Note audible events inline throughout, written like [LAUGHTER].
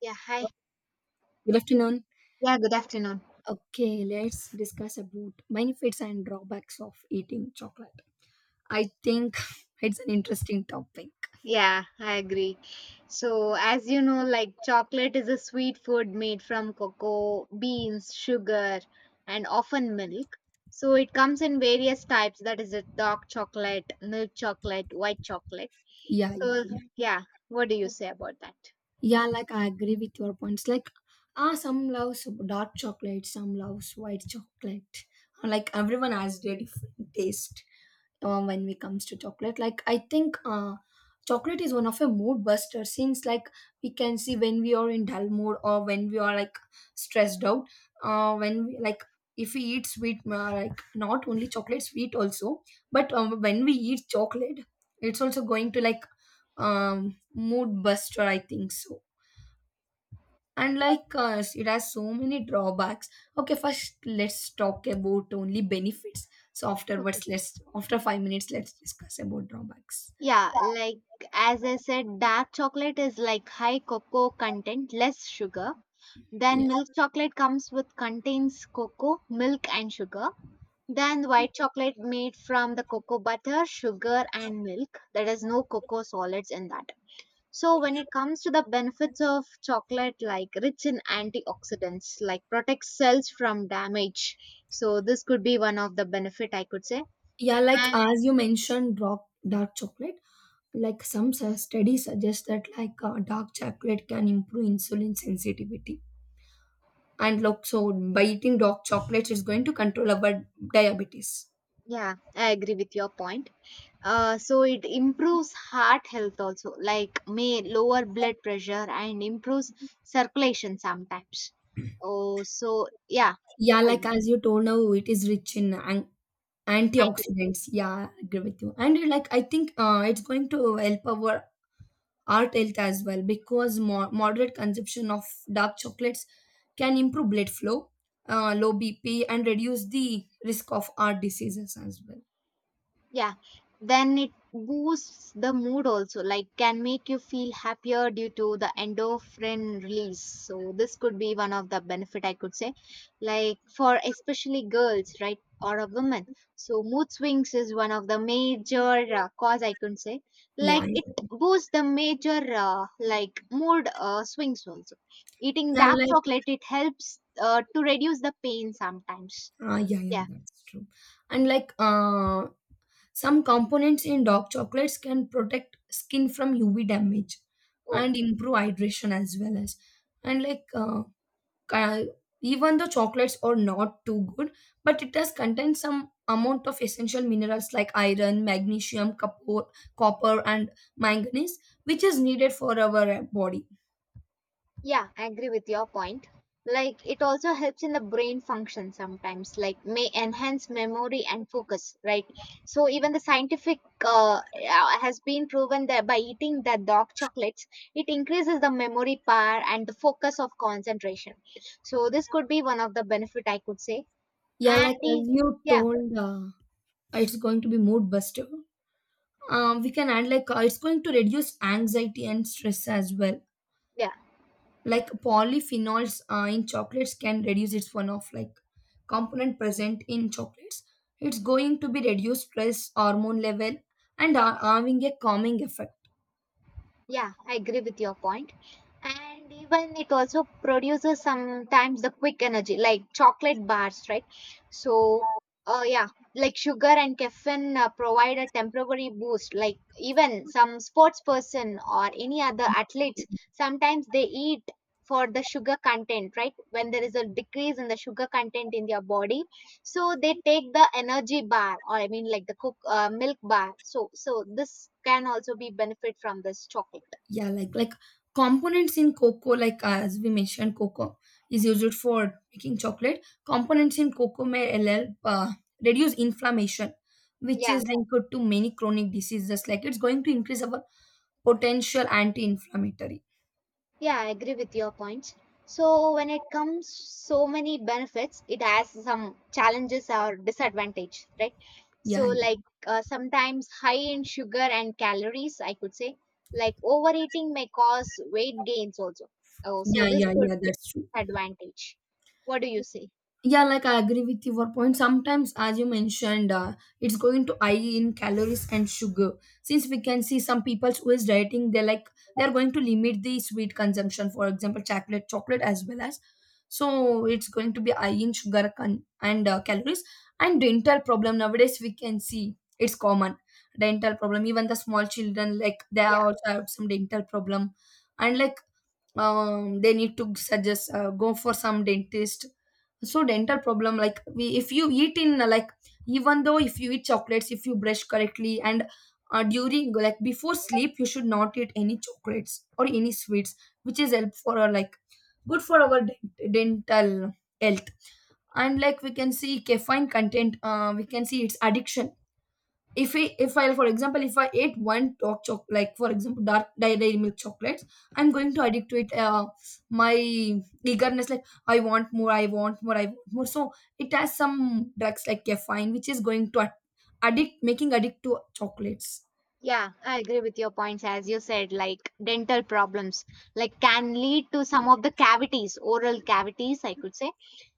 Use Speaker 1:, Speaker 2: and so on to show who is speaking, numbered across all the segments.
Speaker 1: Yeah, hi.
Speaker 2: Good afternoon.
Speaker 1: Yeah, good afternoon.
Speaker 2: Okay, let's discuss about benefits and drawbacks of eating chocolate. I think [LAUGHS] it's an interesting topic.
Speaker 1: Yeah, I agree. So, as you know, like chocolate is a sweet food made from cocoa, beans, sugar, and often milk. So, it comes in various types that is, a dark chocolate, milk chocolate, white chocolate.
Speaker 2: Yeah, yeah,
Speaker 1: So,
Speaker 2: yeah.
Speaker 1: yeah, what do you say about that?
Speaker 2: Yeah, like I agree with your points. Like, some loves dark chocolate, some loves white chocolate. Like everyone has their different taste. When it comes to chocolate. Like I think chocolate is one of a mood buster, since like we can see when we are in dull mood or when we are like stressed out. When we, like if we eat sweet, like not only chocolate, sweet also, but when we eat chocolate, it's also going to, like mood buster, I think so. And like us, it has so many drawbacks. Okay, first let's talk about only benefits, so
Speaker 1: Okay.
Speaker 2: afterwards, let's after 5 minutes let's discuss about drawbacks.
Speaker 1: Yeah, like as I said, dark chocolate is like high cocoa content, less sugar.
Speaker 2: Yeah,
Speaker 1: Then milk chocolate comes with contains cocoa, milk, and sugar. Then white chocolate made from the cocoa butter, sugar, and milk. There is no cocoa solids in that. So when it comes to the benefits of chocolate, like rich in antioxidants, like protects cells from damage. So this could be one of the benefit I could say.
Speaker 2: yeah, like
Speaker 1: And
Speaker 2: as you mentioned, dark chocolate, like some studies suggest that, like dark chocolate can improve insulin sensitivity, and look, so by eating dark chocolates it's going to control our diabetes.
Speaker 1: yeah, I agree with your point. So it improves heart health also, like may lower blood pressure and improves circulation sometimes. Oh, so yeah.
Speaker 2: Yeah, like as you told, now it is rich in antioxidants. Yeah, I agree with you. And, like, I think it's going to help our heart health as well, because more moderate consumption of dark chocolates can improve blood flow, low BP, and reduce the risk of heart diseases as well.
Speaker 1: Yeah, then it boosts the mood also, like can make you feel happier due to the endorphin release. So this could be one of the benefit I could say, like for especially girls, right, or a woman. So mood swings is one of the major cause I could say,
Speaker 2: Yeah,
Speaker 1: like
Speaker 2: I
Speaker 1: it
Speaker 2: agree.
Speaker 1: boosts the major like mood swings also. Eating
Speaker 2: Yeah,
Speaker 1: dark
Speaker 2: like
Speaker 1: chocolate it helps to reduce the pain sometimes.
Speaker 2: yeah, yeah,
Speaker 1: Yeah.
Speaker 2: that's true. And like some components in dark chocolates can protect skin from UV damage
Speaker 1: Oh.
Speaker 2: and improve hydration as well as. And like uh, even though chocolates are not too good, but it does contain some amount of essential minerals like iron, magnesium, copper, and manganese, which is needed for our body.
Speaker 1: Yeah, I agree with your point. Like it also helps in the brain function sometimes, like may enhance memory and focus, right? So even the scientific has been proven that by eating the dark chocolates, it increases the memory power and the focus of concentration. So this could be one of the benefit I could say.
Speaker 2: Yeah,
Speaker 1: And
Speaker 2: like
Speaker 1: the-
Speaker 2: as you
Speaker 1: yeah,
Speaker 2: told, it's going to be mood buster. We can add, like it's going to reduce anxiety and stress as well,
Speaker 1: yeah,
Speaker 2: like polyphenols in chocolates can reduce, its one of like component present in chocolates, it's going to be reduced stress hormone level and are having a calming effect.
Speaker 1: yeah, I agree with your point. And even it also produces sometimes the quick energy, like chocolate bars, right? So yeah, like sugar and caffeine provide a temporary boost, like even some sports person or any other athletes sometimes they eat for the sugar content, right? When there is a decrease in the sugar content in their body, so they take the energy bar, or I mean, like the cook milk bar. So this can also be benefit from this chocolate.
Speaker 2: Yeah, like components in cocoa, like as we mentioned, cocoa is used for making chocolate. Components in cocoa may help reduce inflammation, which
Speaker 1: Yeah.
Speaker 2: is linked to many chronic diseases, like it's going to increase our potential anti-inflammatory.
Speaker 1: Yeah, I agree with your points. So when it comes so many benefits, it has some challenges or disadvantage, right? So
Speaker 2: Yeah, yeah,
Speaker 1: like sometimes high in sugar and calories, I could say, like overeating may cause weight gains also. Oh, so
Speaker 2: yeah,
Speaker 1: this
Speaker 2: yeah,
Speaker 1: could
Speaker 2: yeah,
Speaker 1: be
Speaker 2: that's true.
Speaker 1: advantage. What do you say?
Speaker 2: Yeah, like I agree with your point. Sometimes, as you mentioned, it's going to high in calories and sugar. Since we can see some people who is dieting, they're like they're going to limit the sweet consumption. For example, chocolate, chocolate as well as. So it's going to be high in sugar and calories, and dental problem. Nowadays, we can see it's common dental problem. Even the small children, like they
Speaker 1: Yeah,
Speaker 2: also have some dental problem, and like they need to suggest go for some dentist. So dental problem, like we, if you eat in like, even though if you eat chocolates, if you brush correctly, and during like before sleep you should not eat any chocolates or any sweets, which is help for our, like, good for our dental health. And like we can see caffeine content, we can see its addiction. If I For example, if I ate one dark choc like, for example, dark dairy milk chocolates, I'm going to addict to it. My eagerness, like, I want more, I want more, I want more. So it has some drugs like caffeine, which is going to addict, making addict to chocolates.
Speaker 1: yeah, I agree with your points. As you said, like dental problems, like can lead to some of the cavities, oral cavities, I could say.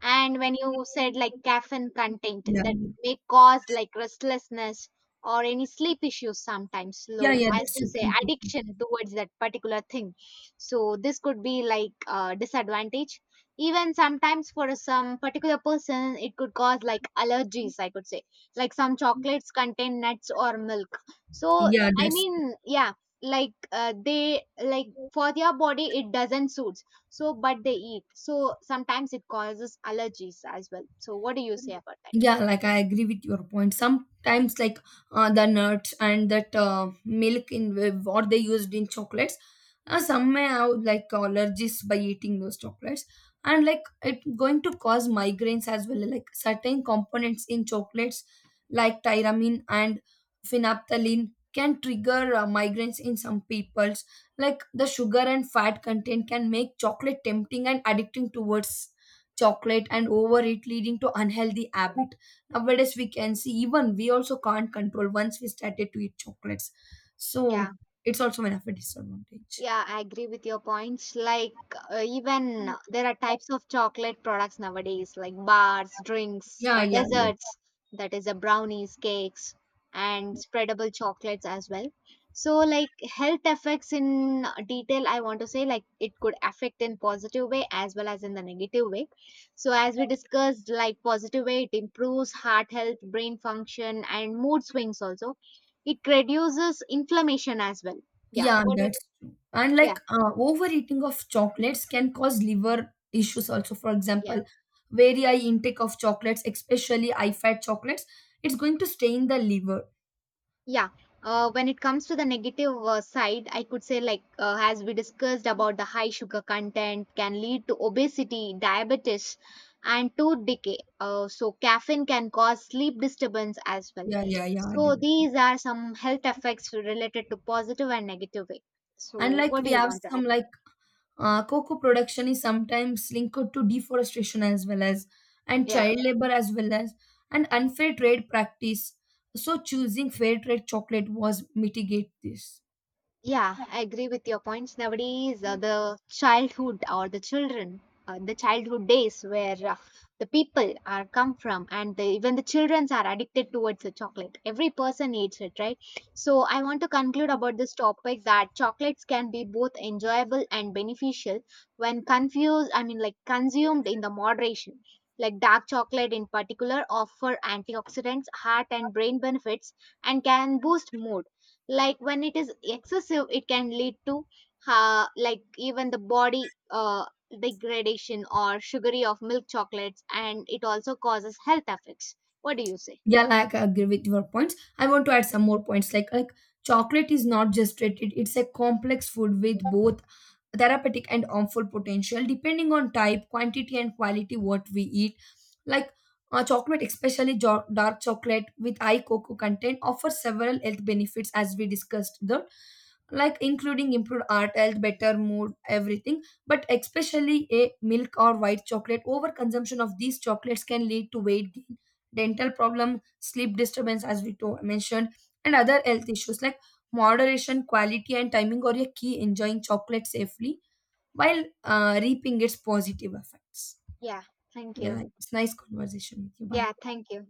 Speaker 1: And when you said like caffeine content
Speaker 2: Yeah,
Speaker 1: that may cause like restlessness or any sleep issues sometimes.
Speaker 2: yeah,
Speaker 1: So
Speaker 2: yeah,
Speaker 1: as
Speaker 2: that's
Speaker 1: you
Speaker 2: true,
Speaker 1: say,
Speaker 2: sleep issue.
Speaker 1: addiction towards that particular thing. So this could be like a disadvantage. Even sometimes for some particular person, it could cause like allergies, I could say, like some chocolates contain nuts or milk. So
Speaker 2: Yeah,
Speaker 1: I
Speaker 2: that's.
Speaker 1: mean, yeah, like they like, for their body, it doesn't suit, so but they eat, so sometimes it causes allergies as well. So what do you say about that?
Speaker 2: Yeah, like I agree with your point. Sometimes, like the nuts and that milk in what they used in chocolates, some may have like allergies by eating those chocolates. And like it going to cause migraines as well. Like certain components in chocolates, like tyramine and phenolphthalein, can trigger migraines in some peoples. Like the sugar and fat content can make chocolate tempting and addicting towards chocolate and overeat, leading to unhealthy habit. Nowadays, we can see, even we also can't control once we started to eat chocolates.
Speaker 1: Yeah.
Speaker 2: So it's also one of a disadvantage.
Speaker 1: Yeah, I agree with your points. Like, even there are types of chocolate products nowadays, like bars, drinks,
Speaker 2: Yeah,
Speaker 1: or
Speaker 2: yeah, yeah,
Speaker 1: desserts, that is, a brownies, cakes, and spreadable chocolates as well. So, like, health effects in detail, I want to say, like, it could affect in positive way as well as in the negative way. So, as we discussed, like, positive way, it improves heart health, brain function, and mood swings also. It reduces inflammation as well. Yeah.
Speaker 2: yeah,
Speaker 1: What do you,
Speaker 2: that's true. And
Speaker 1: yeah.
Speaker 2: like overeating of chocolates can cause liver issues also, for
Speaker 1: Yeah,
Speaker 2: example, very high intake of chocolates, especially high fat chocolates, it's going to stain the liver.
Speaker 1: yeah. When it comes to the negative side, I could say, like, as we discussed about, the high sugar content can lead to obesity, diabetes, and tooth decay. So, caffeine can cause sleep disturbance as well.
Speaker 2: Yeah, yeah, yeah, I agree
Speaker 1: So,
Speaker 2: with you.
Speaker 1: these are some health effects related to positive and negative way. So,
Speaker 2: And like
Speaker 1: what do
Speaker 2: we
Speaker 1: you
Speaker 2: have
Speaker 1: want to add?
Speaker 2: some, like, cocoa production is sometimes linked to deforestation as well as, and
Speaker 1: Yeah.
Speaker 2: child labor as well as, and unfair trade practice. So choosing fair trade chocolate was mitigate this.
Speaker 1: Yeah, I agree with your points. Nowadays, the childhood or the children, the childhood days where the people are come from, and the, even the childrens are addicted towards the chocolate. Every person eats it, right? So I want to conclude about this topic that chocolates can be both enjoyable and beneficial when confused. I mean, like consumed in the moderation. Like dark chocolate in particular offer antioxidants, heart and brain benefits, and can boost mood. Like when it is excessive, it can lead to like even the body degradation or sugary of milk chocolates, and it also causes health effects. What do you say?
Speaker 2: Yeah, like I agree with your points. I want to add some more points. Like chocolate is not just treated; it's a complex food with both therapeutic and harmful potential depending on type, quantity, and quality what we eat. Like chocolate, especially dark chocolate with high cocoa content, offers several health benefits as we discussed them, like including improved heart health, better mood, everything. But especially a milk or white chocolate, overconsumption of these chocolates can lead to weight gain, dental problem, sleep disturbance, as we mentioned, and other health issues, like moderation, quality, and timing are your key enjoying chocolate safely while reaping its positive effects.
Speaker 1: Yeah. Thank
Speaker 2: Yeah,
Speaker 1: you.
Speaker 2: like, it's nice conversation with you. Bye.
Speaker 1: Yeah, thank you.